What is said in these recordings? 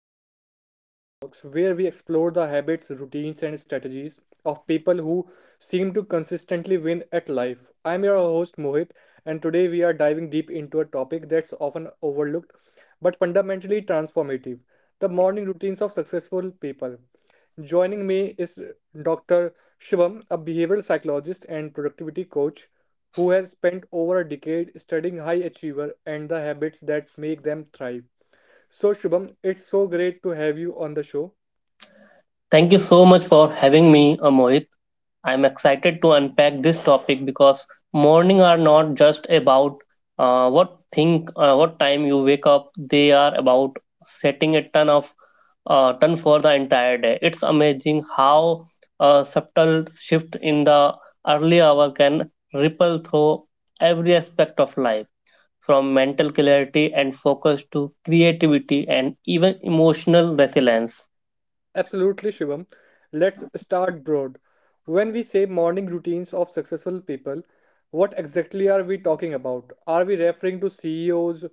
Episode of Mohit Talks, where we explore the habits, routines, and strategies of people who seem to consistently win at life. I'm your host Mohit, and today we are diving deep into a topic that's often overlooked but fundamentally transformative, the morning routines of successful people. Joining me is Dr. Shivam, a behavioral psychologist and productivity coach who have spent over a decade studying high achiever and the habits that make them thrive. So Shubham, it's so great to have you on the show. Thank you so much for having me, Mohit. I'm excited to unpack this topic because morning are not just about what time you wake up. They are about setting a ton for the entire day. It's amazing how a subtle shift in the early hour can ripple through every aspect of life, from mental clarity and focus to creativity and even emotional resilience. Absolutely, Shubham. Let's start broad. When we say morning routines of successful people, what exactly are we talking about? Are we referring to CEOs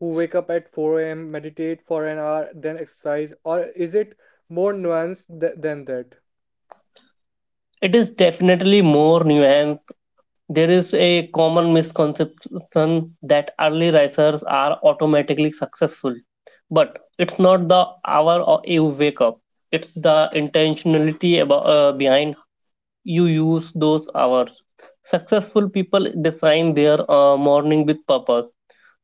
who wake up at 4 a.m., meditate for an hour, then exercise, or is it more nuanced than that? It is definitely more nuanced. There is a common misconception that early risers are automatically successful, but it's not the hour you wake up. It's the intentionality behind you use those hours. Successful people design their morning with purpose.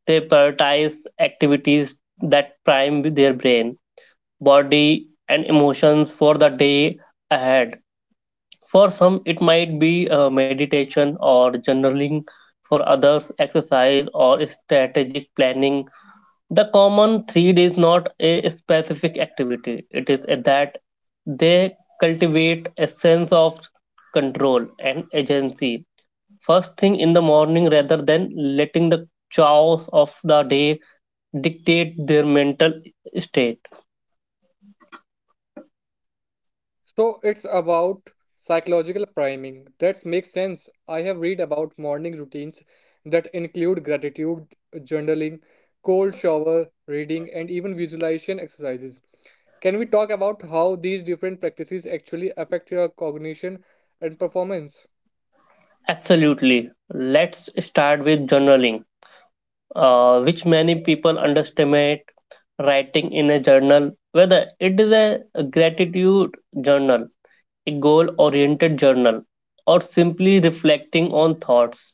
They prioritize activities that prime their brain, body, and emotions for the day ahead. For some, it might be meditation or journaling, for others, exercise or strategic planning. The common thread is not a specific activity, it is that they cultivate a sense of control and agency first thing in the morning rather than letting the chaos of the day dictate their mental state. So it's about psychological priming. That makes sense. I have read about morning routines that include gratitude journaling, cold shower, reading, and even visualization exercises. Can we talk about how these different practices actually affect your cognition and performance? Absolutely. Let's start with journaling, which many people underestimate. Writing in a journal, whether it is a gratitude journal, a goal oriented journal, or simply reflecting on thoughts,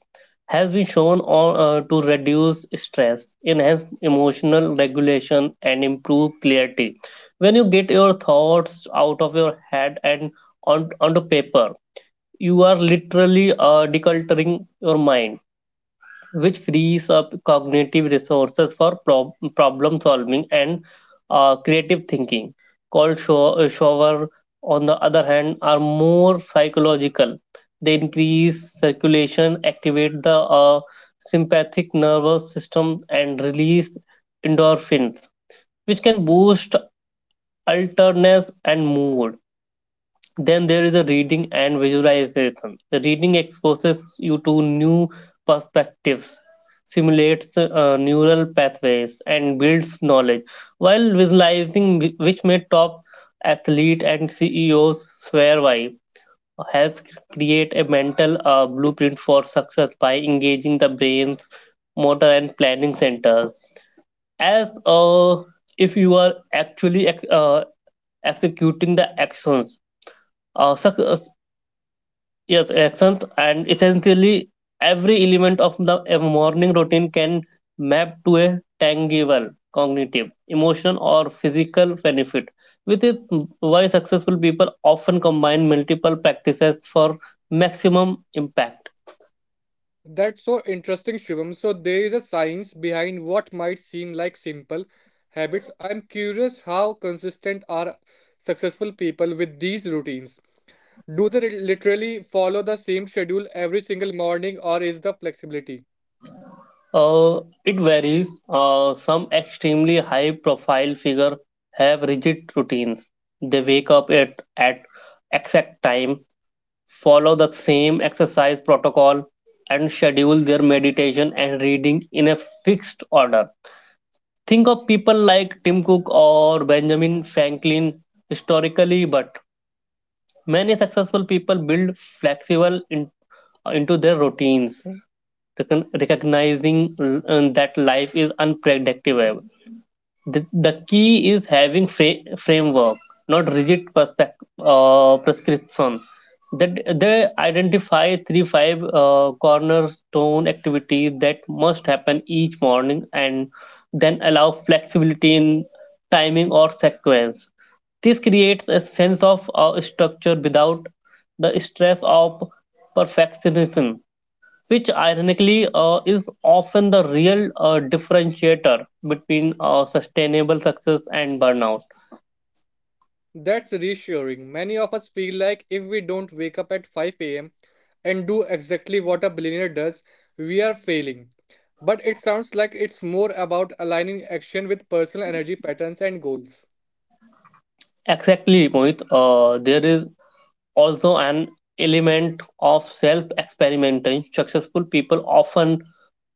has been shown to reduce stress, enhance emotional regulation, and improve clarity. When you get your thoughts out of your head and onto paper, you are literally decluttering your mind, which frees up cognitive resources for problem solving and creative thinking. Cold shower, on the other hand, are more psychological. They increase circulation, activate the sympathetic nervous system, and release endorphins, which can boost alertness and mood. Then there is a reading and visualization. The reading exposes you to new perspectives, simulates neural pathways, and builds knowledge, while visualizing, which may top athletes and CEOs swear by, helps create a mental blueprint for success by engaging the brain's motor and planning centers. As if you are actually executing the actions. Uh, suc- Yes, actions, and essentially every element of the a morning routine can map to a tangible cognitive, emotional, or physical benefit, which is why successful people often combine multiple practices for maximum impact. That's so interesting, Shubham. So there is a science behind what might seem like simple habits. I'm curious how consistent are successful people with these routines. Do they literally follow the same schedule every single morning or is the flexibility? Uh, it varies. Some extremely high profile figure have rigid routines. They wake up at exact time, follow the same exercise protocol, and schedule their meditation and reading in a fixed order. Think of people like Tim Cook or Benjamin Franklin historically, but many successful people build flexible into their routines, recognizing that life is unpredictable. The key is having framework, not rigid prescription. That they identify three five cornerstone activities that must happen each morning, and then allow flexibility in timing or sequence. This creates a sense of structure without the stress of perfectionism, which ironically is often the real differentiator between sustainable success and burnout. That's reassuring. Many of us feel like if we don't wake up at 5 a.m. and do exactly what a billionaire does, we are failing. But it sounds like it's more about aligning action with personal energy patterns and goals. Exactly, Mohit. There is also an element of self experimentation. Successful people often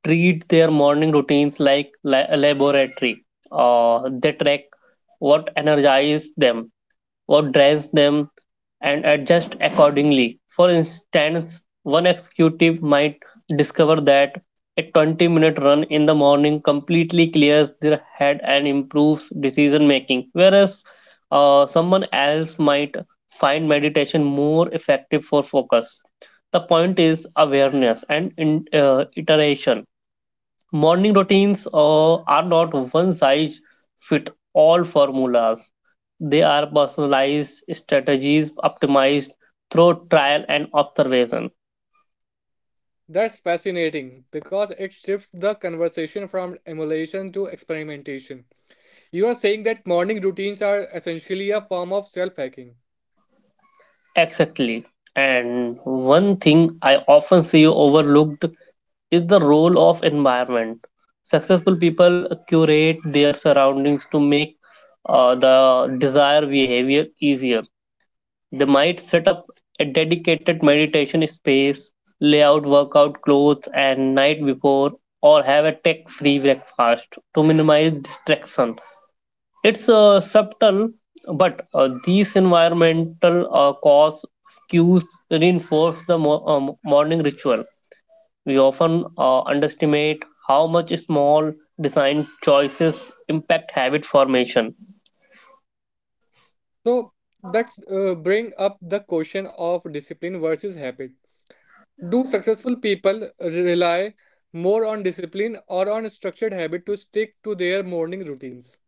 treat their morning routines like a laboratory. They track what energizes them, what drives them, and adjust accordingly. For instance, one executive might discover that a 20-minute run in the morning completely clears their head and improves decision making, whereas someone else might find meditation more effective for focus. The point is awareness and iteration. Morning routines are not one size fit all formulas. They are personalized strategies optimized through trial and observation. That's fascinating because it shifts the conversation from emulation to experimentation. You are saying that morning routines are essentially a form of self hacking. Exactly. And one thing I often see overlooked is the role of environment. Successful people curate their surroundings to make the desired behavior easier. They might set up a dedicated meditation space, lay out workout clothes and night before, or have a tech free breakfast to minimize distraction. It's subtle, but these environmental cause cues reinforce the morning ritual. We often underestimate how much small design choices impact habit formation. So that's bring up the question of discipline versus habit. Do successful people rely more on discipline or on structured habit to stick to their morning routines?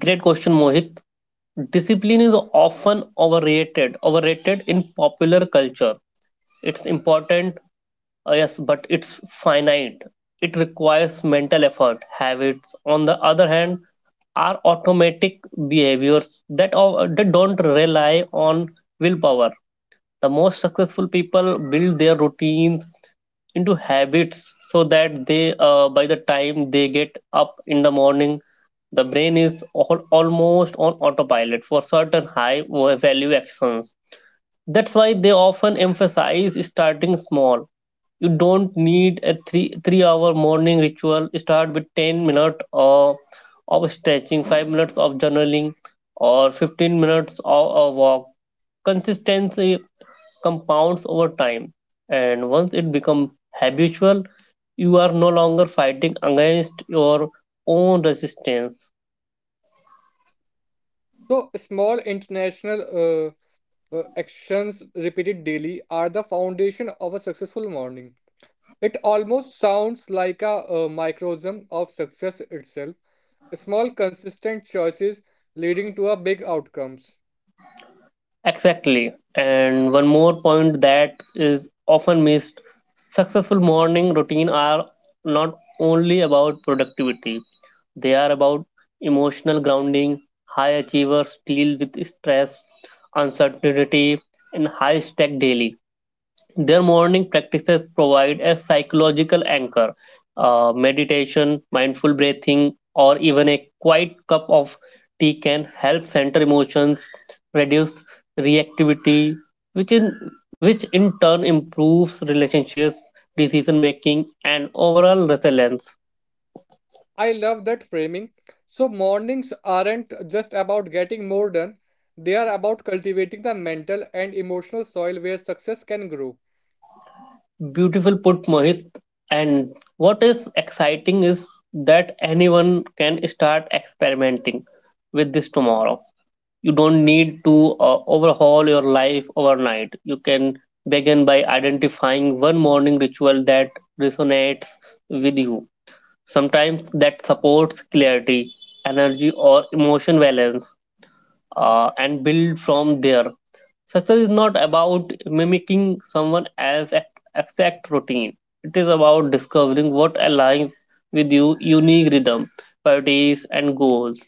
Great question, Mohit. Discipline is often overrated in popular culture. It's important, yes, but it's finite. It requires mental effort. Habits, on the other hand, are automatic behaviors that don't rely on willpower. The most successful people build their routines into habits so that they by the time they get up in the morning, the brain is all almost on autopilot for certain high value actions. That's why they often emphasize starting small. You don't need a 3 hour morning ritual. Start with 10 minutes of stretching, 5 minutes of journaling, or 15 minutes of a walk. Consistency compounds over time. And once it becomes habitual, you are no longer fighting against your own resistance. So small international actions repeated daily are the foundation of a successful morning. It almost sounds like a, microcosm of success itself. Small consistent choices leading to a big outcomes. Exactly. And one more point that is often missed: successful morning routine are not only about productivity, they are about emotional grounding. High achievers deal with stress, uncertainty, and high stack daily. Their morning practices provide a psychological anchor. Meditation, mindful breathing, or even a quiet cup of tea can help center emotions, reduce reactivity, which in which in turn improves relationships, decision making, and overall resilience. I love that framing. So, mornings aren't just about getting more done, they are about cultivating the mental and emotional soil where success can grow. Beautiful put, Mohit. And what is exciting is that anyone can start experimenting with this tomorrow. You don't need to overhaul your life overnight. You can begin by identifying one morning ritual that resonates with you. Sometimes that supports clarity, energy, or emotion balance, and build from there. Success is not about mimicking someone else's exact routine. It is about discovering what aligns with your unique rhythm, priorities, and goals.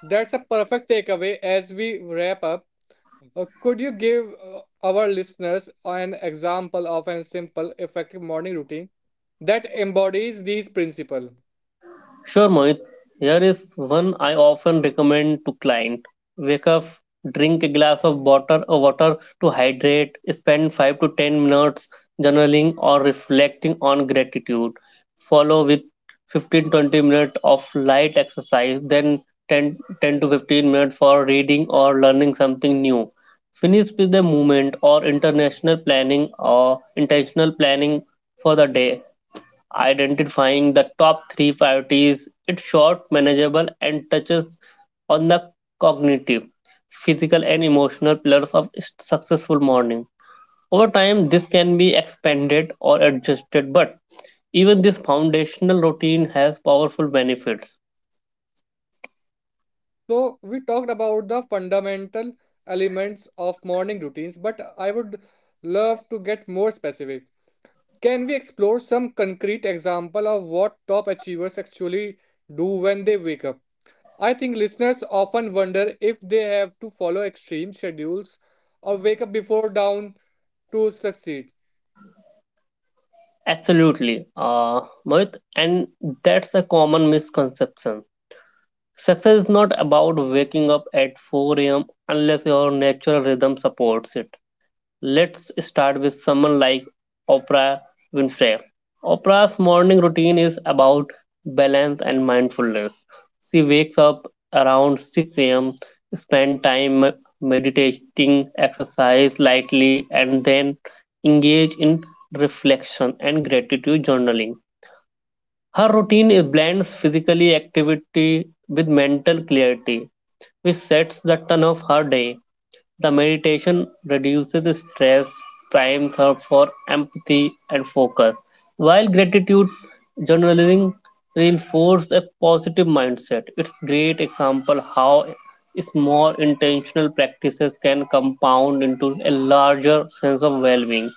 That's a perfect takeaway as we wrap up. Could you give our listeners an example of a simple, effective morning routine that embodies these principles? Sure, Mohit. Here is one I often recommend to client. Wake up, drink a glass of water or water to hydrate, spend 5 to 10 minutes journaling or reflecting on gratitude. Follow with 15-20 minutes of light exercise, then ten to 15 minutes for reading or learning something new. Finish with a movement or international planning or intentional planning for the day, identifying the top three priorities. It's short, manageable, and touches on the cognitive, physical, and emotional pillars of successful morning. Over time, this can be expanded or adjusted, but even this foundational routine has powerful benefits. So, we talked about the fundamental elements of morning routines, but I would love to get more specific. Can we explore some concrete example of what top achievers actually do when they wake up? I think listeners often wonder if they have to follow extreme schedules or wake up before dawn to succeed. Absolutely, Mohit, and that's a common misconception. Success is not about waking up at 4 a.m. unless your natural rhythm supports it. Let's start with someone like Oprah Winfrey. Oprah's morning routine is about balance and mindfulness. She wakes up around 6 a.m., spend time meditating, exercise lightly, and then engage in reflection and gratitude journaling. Her routine blends physical activity with mental clarity, which sets the tone of her day. The meditation reduces stress, primes her for empathy and focus, while gratitude journaling reinforces a positive mindset. It's great example how small intentional practices can compound into a larger sense of well-being.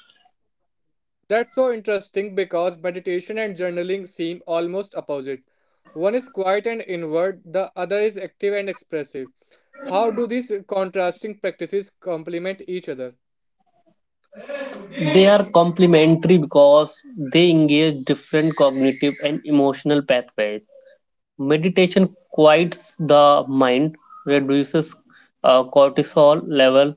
That's so interesting because meditation and journaling seem almost opposite. One is quiet and inward, the other is active and expressive. How do these contrasting practices complement each other? They are complementary because they engage different cognitive and emotional pathways. Meditation quiets the mind, reduces cortisol level,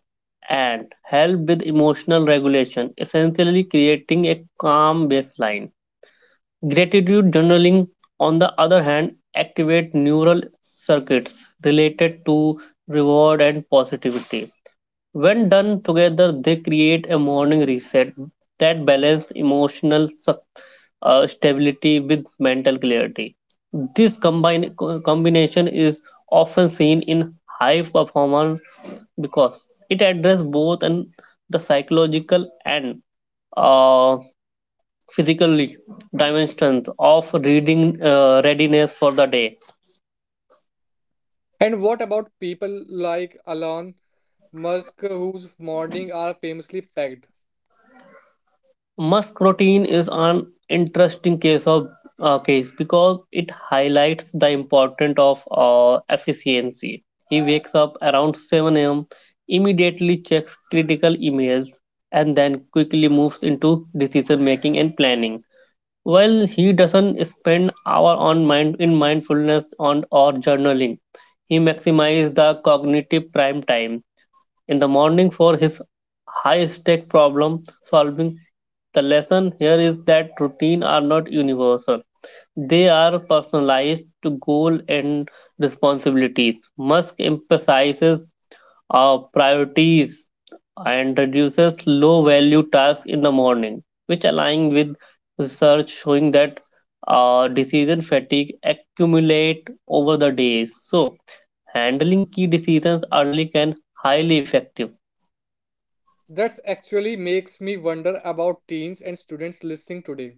and help with emotional regulation, essentially creating a calm baseline. Gratitude journaling, on the other hand, activate neural circuits related to reward and positivity. When done together, they create a morning reset that balances emotional stability with mental clarity. This combination is often seen in high performance because it addresses both and the psychological and uh, physically dimensions of reading readiness for the day. And what about people like Elon Musk, whose mornings are famously packed? Musk routine is an interesting case because it highlights the importance of efficiency. He wakes up around 7 a.m., immediately checks critical emails, and then quickly moves into decision making and planning. While he doesn't spend hour on mind in mindfulness on or journaling, he maximizes the cognitive prime time in the morning for his high stake problem solving. The lesson here is that routines are not universal, they are personalized to goals and responsibilities. Musk emphasizes priorities and reduces low value tasks in the morning, which align with research showing that decision fatigue accumulate over the days. So, handling key decisions early can highly effective. That actually makes me wonder about teens and students listening today.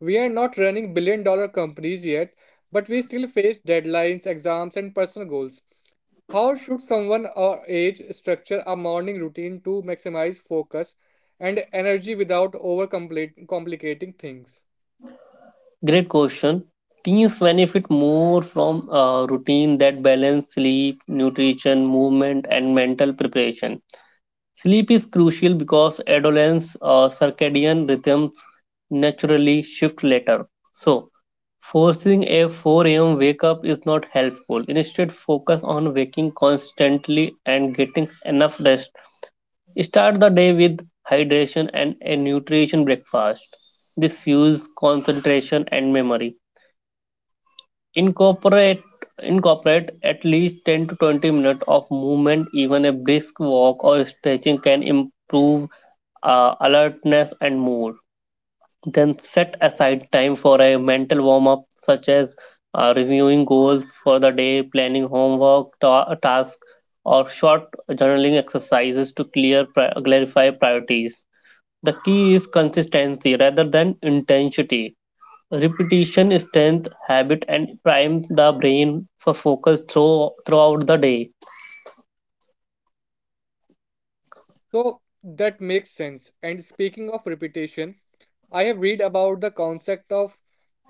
We are not running $1 billion companies yet, but we still face deadlines, exams, and personal goals. How should someone our age structure a morning routine to maximize focus and energy without over complicating things? Great question. Teens benefit more from a routine that balance sleep, nutrition, movement, and mental preparation. Sleep is crucial because adolescence circadian rhythms naturally shift later. So, forcing a 4 a.m. wake up is not helpful. Instead, focus on waking constantly and getting enough rest. Start the day with hydration and a nutrition breakfast. This fuels concentration and memory. Incorporate incorporate at least 10 to 20 minutes of movement. Even a brisk walk or stretching can improve alertness and mood. Then set aside time for a mental warm up, such as reviewing goals for the day, planning homework tasks, or short journaling exercises to clear clarify priorities. The key is consistency rather than intensity. Repetition strengthens habit and primes the brain for focus throughout the day. So that makes sense. And speaking of repetition, I have read about the concept of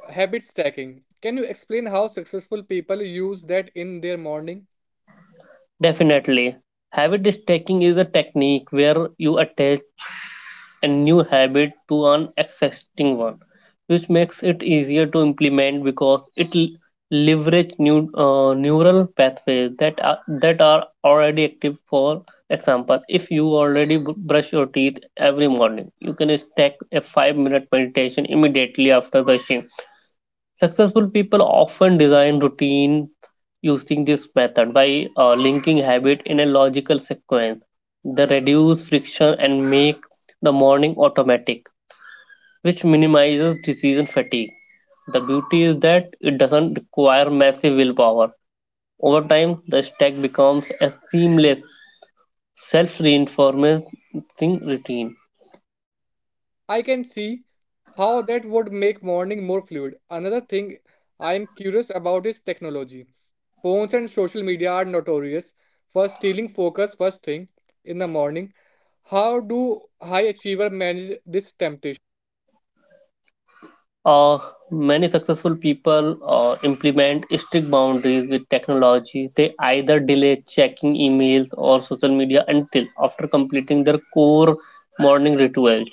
habit stacking. Can you explain how successful people use that in their morning? Definitely. Habit stacking is a technique where you attach a new habit to an existing one, which makes it easier to implement because it leverage new neural pathways that are already active. For example, if you already brush your teeth every morning, you can stack a 5-minute meditation immediately after brushing. Successful people often design routine using this method by linking habit in a logical sequence. They reduce friction and make the morning automatic, which minimizes decision fatigue. The beauty is that it doesn't require massive willpower. Over time, the stack becomes a seamless, self reinforcing routine. I can see how that would make morning more fluid. Another thing I am curious about is technology. Phones and social media are notorious for stealing focus first thing in the morning. How do high achiever manage this? Uh, many successful people implement strict boundaries with technology. They either delay checking emails or social media until after completing their core morning rituals,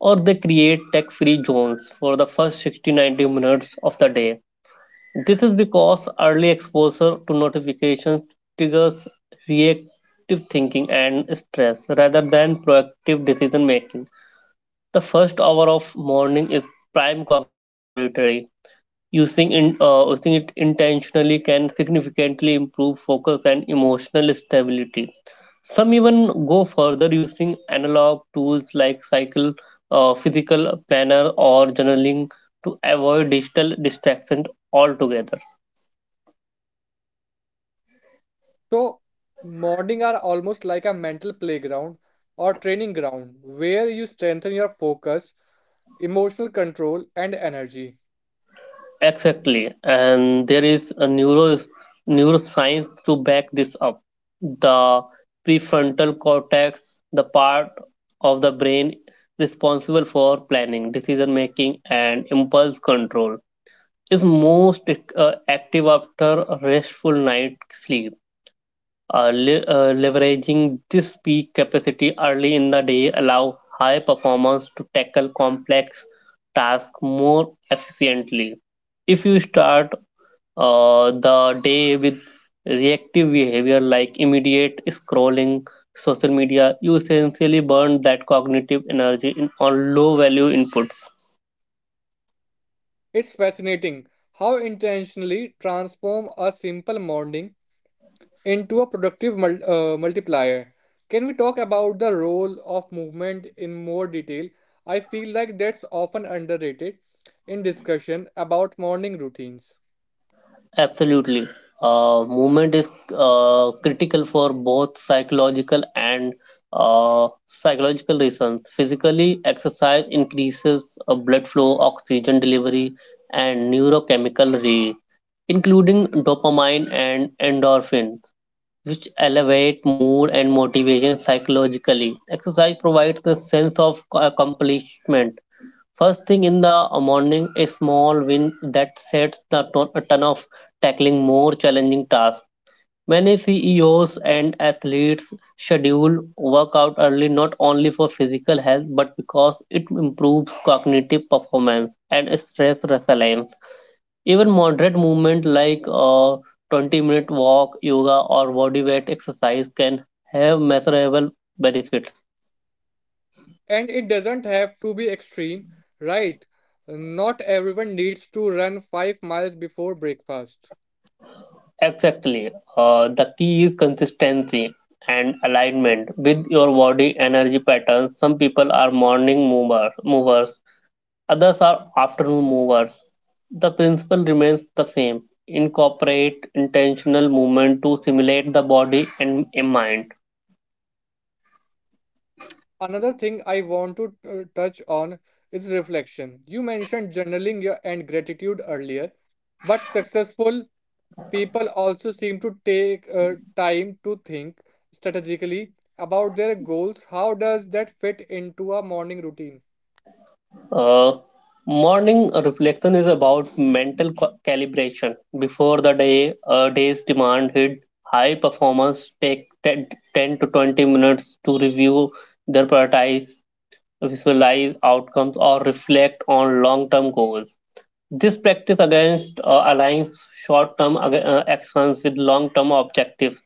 or they create tech free zones for the first 60 to 90 minutes of the day. This is because early exposure to notifications triggers reactive thinking and stress rather than proactive decision making. The first hour of morning is prime cognitive territory. Using it intentionally can significantly improve focus and emotional stability. Some even go further using analog tools like cycle, physical planner, or journaling to avoid digital distractions altogether. So, morning are almost like a mental playground or training ground where you strengthen your focus, emotional control, and energy. Exactly, and there is a neuroscience to back this up. The prefrontal cortex, the part of the brain responsible for planning, decision making, and impulse control, is most active after a restful night sleep. Leveraging this peak capacity early in the day allow high performance to tackle complex tasks more efficiently. If you start the day with reactive behavior like immediate scrolling, social media, you essentially burn that cognitive energy on low value inputs. It's fascinating how intentionally transform a simple morning into a productive multiplier. Can we talk about the role of movement in more detail? I feel like that's often underrated in discussion about morning routines. Absolutely. Movement is critical for both psychological and psychological reasons. Physically, exercise increases blood flow, oxygen delivery, and neurochemical including dopamine and endorphins, which elevate mood and motivation psychologically. Exercise provides the sense of accomplishment. First thing in the morning, a small win that sets the tone a of tackling more challenging tasks. Many CEOs and athletes schedule workout early not only for physical health but because it improves cognitive performance and stress resilience. Even moderate movement like a 20-minute walk, yoga, or body weight exercise can have measurable benefits. And it doesn't have to be extreme, right? Not everyone needs to run 5 miles before breakfast. Exactly. The key is consistency and alignment with your body energy patterns. Some people are movers, others are afternoon movers. The principle remains the same. Incorporate intentional movement to stimulate the body and mind. Another thing I want to touch on is reflection. You mentioned journaling and gratitude earlier, but successful people also seem to take time to think strategically about their goals. How does that fit into a morning routine? Uh, morning reflection is about mental calibration. Before the day's demand hit, high performers take 10 to 20 minutes to review their priorities, visualize outcomes, or reflect on long term goals. This practice against aligns short term actions with long term objectives.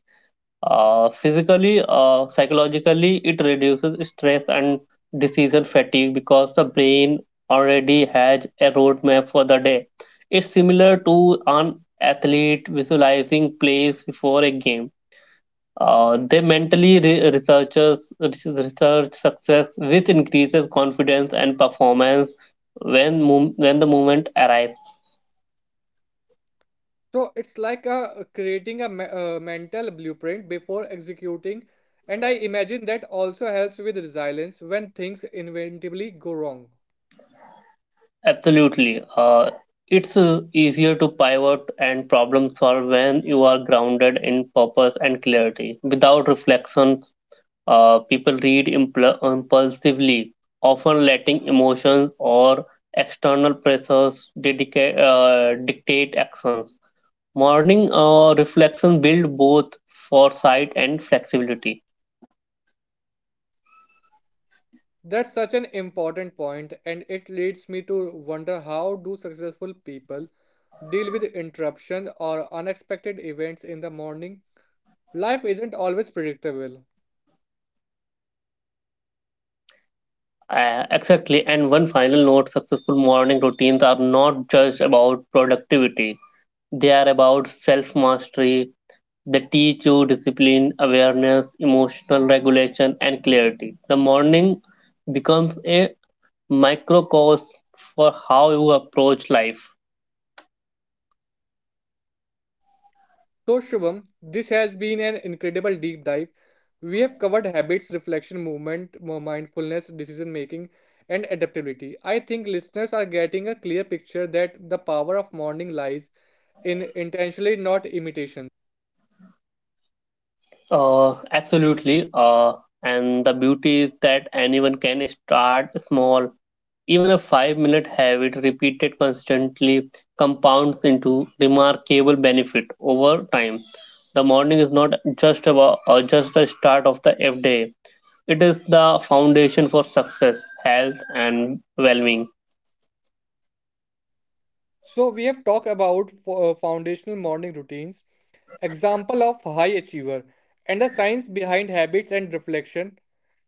Physically, psychologically, it reduces stress and decision fatigue because the brain already has a roadmap for the day. It's similar to an athlete visualizing plays before a game. They mentally research success, which increases confidence and performance when the moment arrives. So it's like a, creating a mental blueprint before executing, and I imagine that also helps with resilience when things inevitably go wrong. Absolutely. It's easier to pivot and problem solve when you are grounded in purpose and clarity. Without reflections, people read impulsively, often letting emotions or external pressures dictate actions. Morning reflection build both foresight and flexibility. That's such an important point, and it leads me to wonder, how do successful people deal with interruptions or unexpected events in the morning? Life isn't always predictable. Exactly. And one final note: successful morning routines are not just about productivity. They are about self mastery. They teach you discipline, awareness, emotional regulation, and clarity. The morning becomes a microcosm for how you approach life. So, Shubham, this has been an incredible deep dive. We have covered habits, reflection, movement, mindfulness, decision making, and adaptability. I think listeners are getting a clear picture that the power of morning lies in intentionally not imitation. Absolutely. And the beauty is that anyone can start small. Even a 5 minute habit repeated constantly compounds into remarkable benefit over time. The morning is not just about just the start of the day. It is the foundation for success, health, and well being. So, we have talked about foundational morning routines, example of high achiever, and the science behind habits and reflection.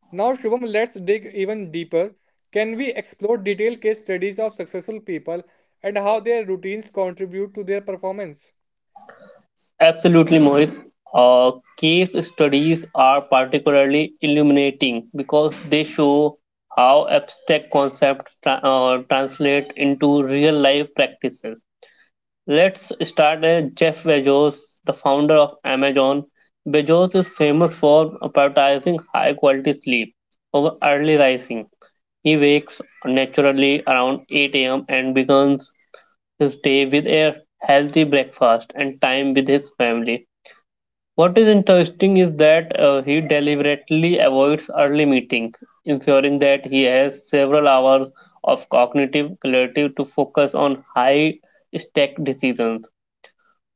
Now, Shubham, let's dig even deeper. Can we explore detailed case studies of successful people and how their routines contribute to their performance? Absolutely, Mohit. Uh, case studies are particularly illuminating because they show how abstract concepts translate into real life practices. Let's start with Jeff Bezos, the founder of Amazon. Bezos is famous for prioritizing high quality sleep over early rising. He wakes naturally around 8 a.m. and begins his day with a healthy breakfast and time with his family. What is interesting is that he deliberately avoids early meetings, ensuring that he has several hours of cognitive clarity to focus on high stake decisions.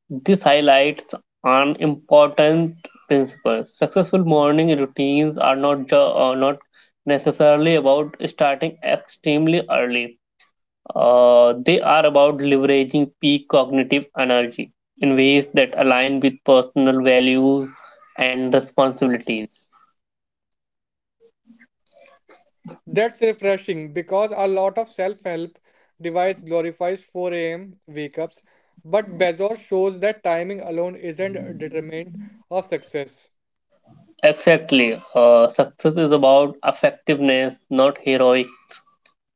This highlights an important principle. Successful morning routines are not necessarily about starting extremely early. They are about leveraging peak cognitive energy in ways that align with personal values and responsibilities. That's refreshing because a lot of self-help device glorifies 4 a.m. wake-ups, but Bezos shows that timing alone isn't a determinant of success. Exactly. Success is about effectiveness, not heroics.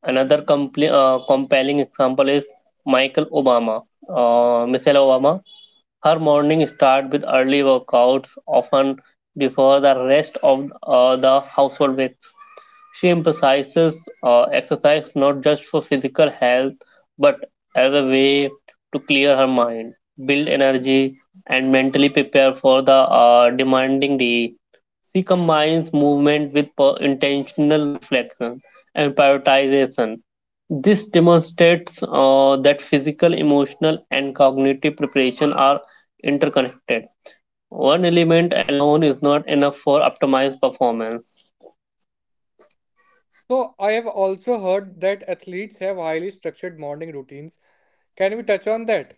Another compelling example is Michael Obama. Michelle Obama. Her morning start with early workouts, often before the rest of the household wakes. She emphasizes exercise not just for physical health, but as a way to clear her mind, build energy, and mentally prepare for the demanding day. She combines movement with intentional reflection and prioritization. This demonstrates that physical, emotional, and cognitive preparation are interconnected. One element alone is not enough for optimized performance. So, I have also heard that athletes have highly structured morning routines. Can we touch on that?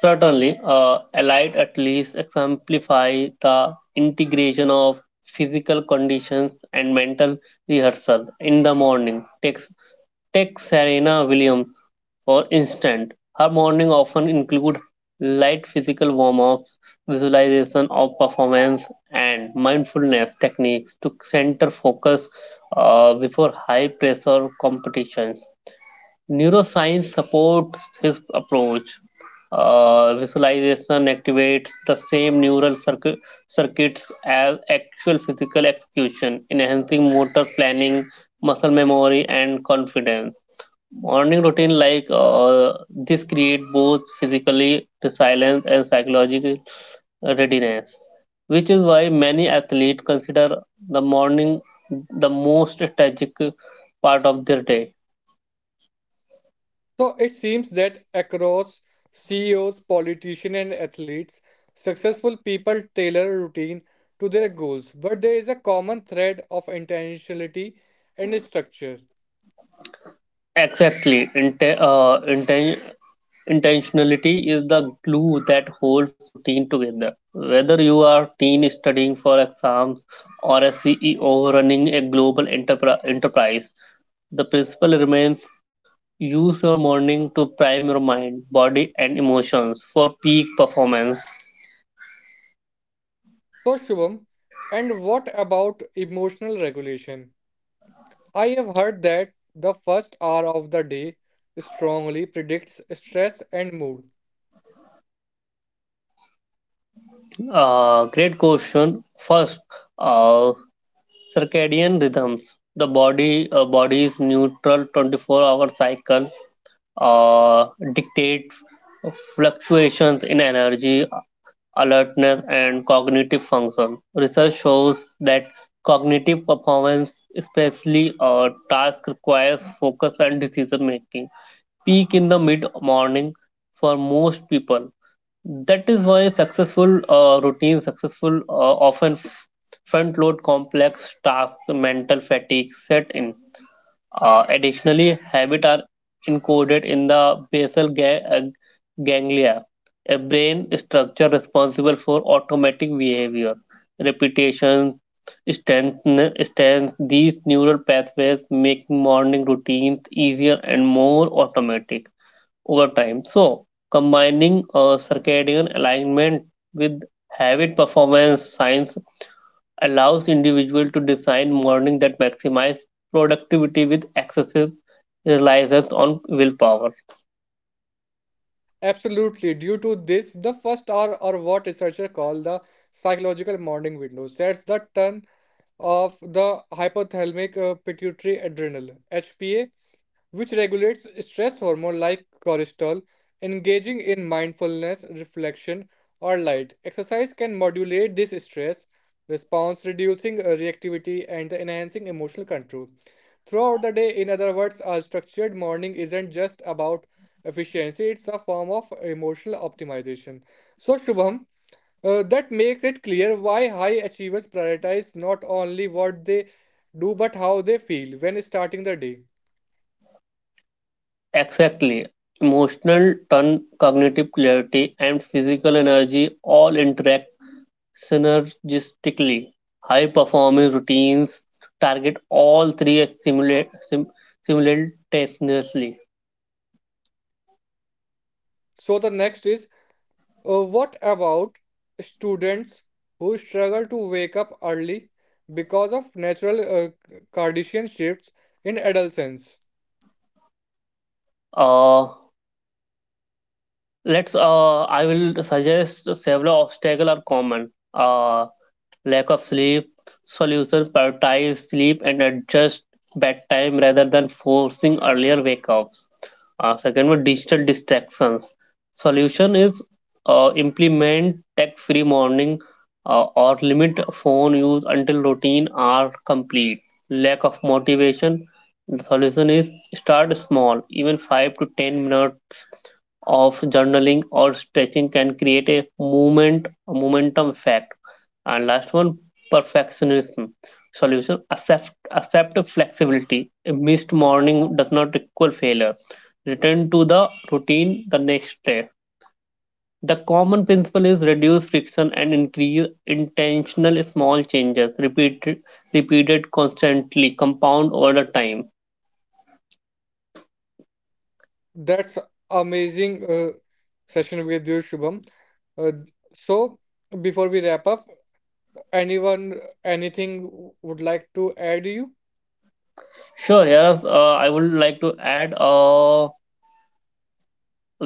Certainly, Allied at least exemplify the integration of physical conditions and mental rehearsal in the morning. Take Serena Williams, for instance. Her morning often include light physical warm-ups, visualization of performance, and mindfulness techniques to center focus before high-pressure competitions. Neuroscience supports his approach. Visualization activates the same neural circuits as actual physical execution, enhancing motor planning, muscle memory, and confidence. Morning routine like this create both physically resilience and psychological readiness, which is why many athletes consider the morning the most strategic part of their day. So it seems that across CEOs, politicians, and athletes, successful people tailor a routine to their goals, but there is a common thread of intentionality and structure. Exactly. Intentionality is the glue that holds routine together. Whether you are teen studying for exams or a CEO running a global enterprise, the principle remains: use your morning to prime your mind, body, and emotions for peak performance. So, Shubham, and what about emotional regulation? I have heard that the first hour of the day strongly predicts stress and mood. Great question. First, uh, circadian rhythms. The body's neutral 24-hour cycle uh, dictate fluctuations in energy, alertness, and cognitive function. Research shows that cognitive performance, especially a task, requires focus and decision making. Peak in the mid morning for most people. That is why successful routines, successful often front load complex tasks, mental fatigue set in. Additionally, habits are encoded in the basal ganglia, a brain structure responsible for automatic behavior, repetition, strengthen. These neural pathways making morning routines easier and more automatic over time. So, combining circadian alignment with habit performance science allows individuals to design morning that maximize productivity with excessive reliance on willpower. Absolutely. Due to this, the first hour, or what researchers call the psychological morning window, sets the tone of the hypothalamic pituitary adrenal HPA, which regulates stress hormone like cortisol. Engaging in mindfulness, reflection, or light exercise can modulate this stress response, reducing reactivity and enhancing emotional control. Throughout the day, in other words, a structured morning isn't just about efficiency, it's a form of emotional optimization. So, Shubham, that makes it clear why high achievers prioritize not only what they do but how they feel when starting the day. Exactly. Emotional tone, cognitive clarity, and physical energy all interact synergistically. High performing routines target all three simula- sim- simultaneously. So, the next is what about students who struggle to wake up early because of natural Cardassian shifts in adolescence? Uh, let's I will suggest several obstacles are common. Lack of sleep: solution, prioritize sleep and adjust bedtime rather than forcing earlier wake ups. Second one, digital distractions. Solution is implement tech-free morning or limit phone use until routine are complete. Lack of motivation. The solution is start small. Even 5 to 10 minutes of journaling or stretching can create a movement momentum effect. And last one, perfectionism: solution, accept flexibility. A missed morning does not equal failure. Return to the routine the next day. The common principle is reduce friction and increase intentional small changes, repeated constantly, compound over the time. That's amazing session with you, Shubham. Uh, so, before we wrap up, anyone anything would like to add you? Sure, yes, I would like to add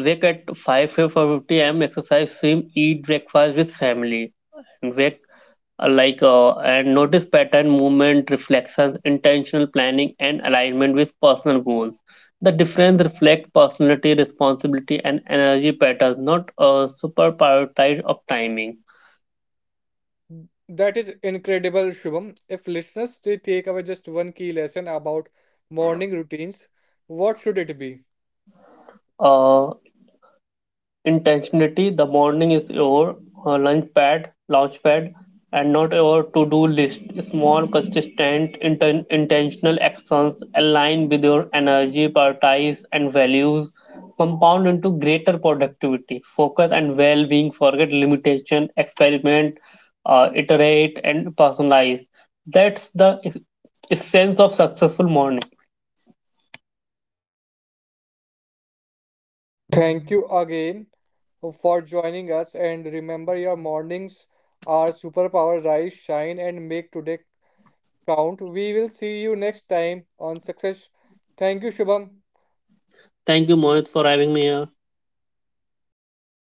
wake at 5 5:50 a.m., exercise, swim, eat breakfast with family, wake like and notice pattern, movement, reflections, intentional planning, and alignment with personal goals. The difference reflect personality, responsibility, and energy patterns, not a super prioritize of timing. That is incredible, Shubham. If listeners they take away just one key lesson about morning routines, what should it be? uh, Intentionality: the morning is your launch pad, and not your to-do list. Small, consistent, intentional actions aligned with your energy, priorities, and values compound into greater productivity, focus, and well-being. Forget limitation, experiment, iterate, and personalize. That's the essence of successful morning. Thank you again for joining us, and remember, your mornings are superpower. Rise, shine and make today count. We will see you next time on Success. Thank you, Shubham. Thank you, Mohit, for having me here.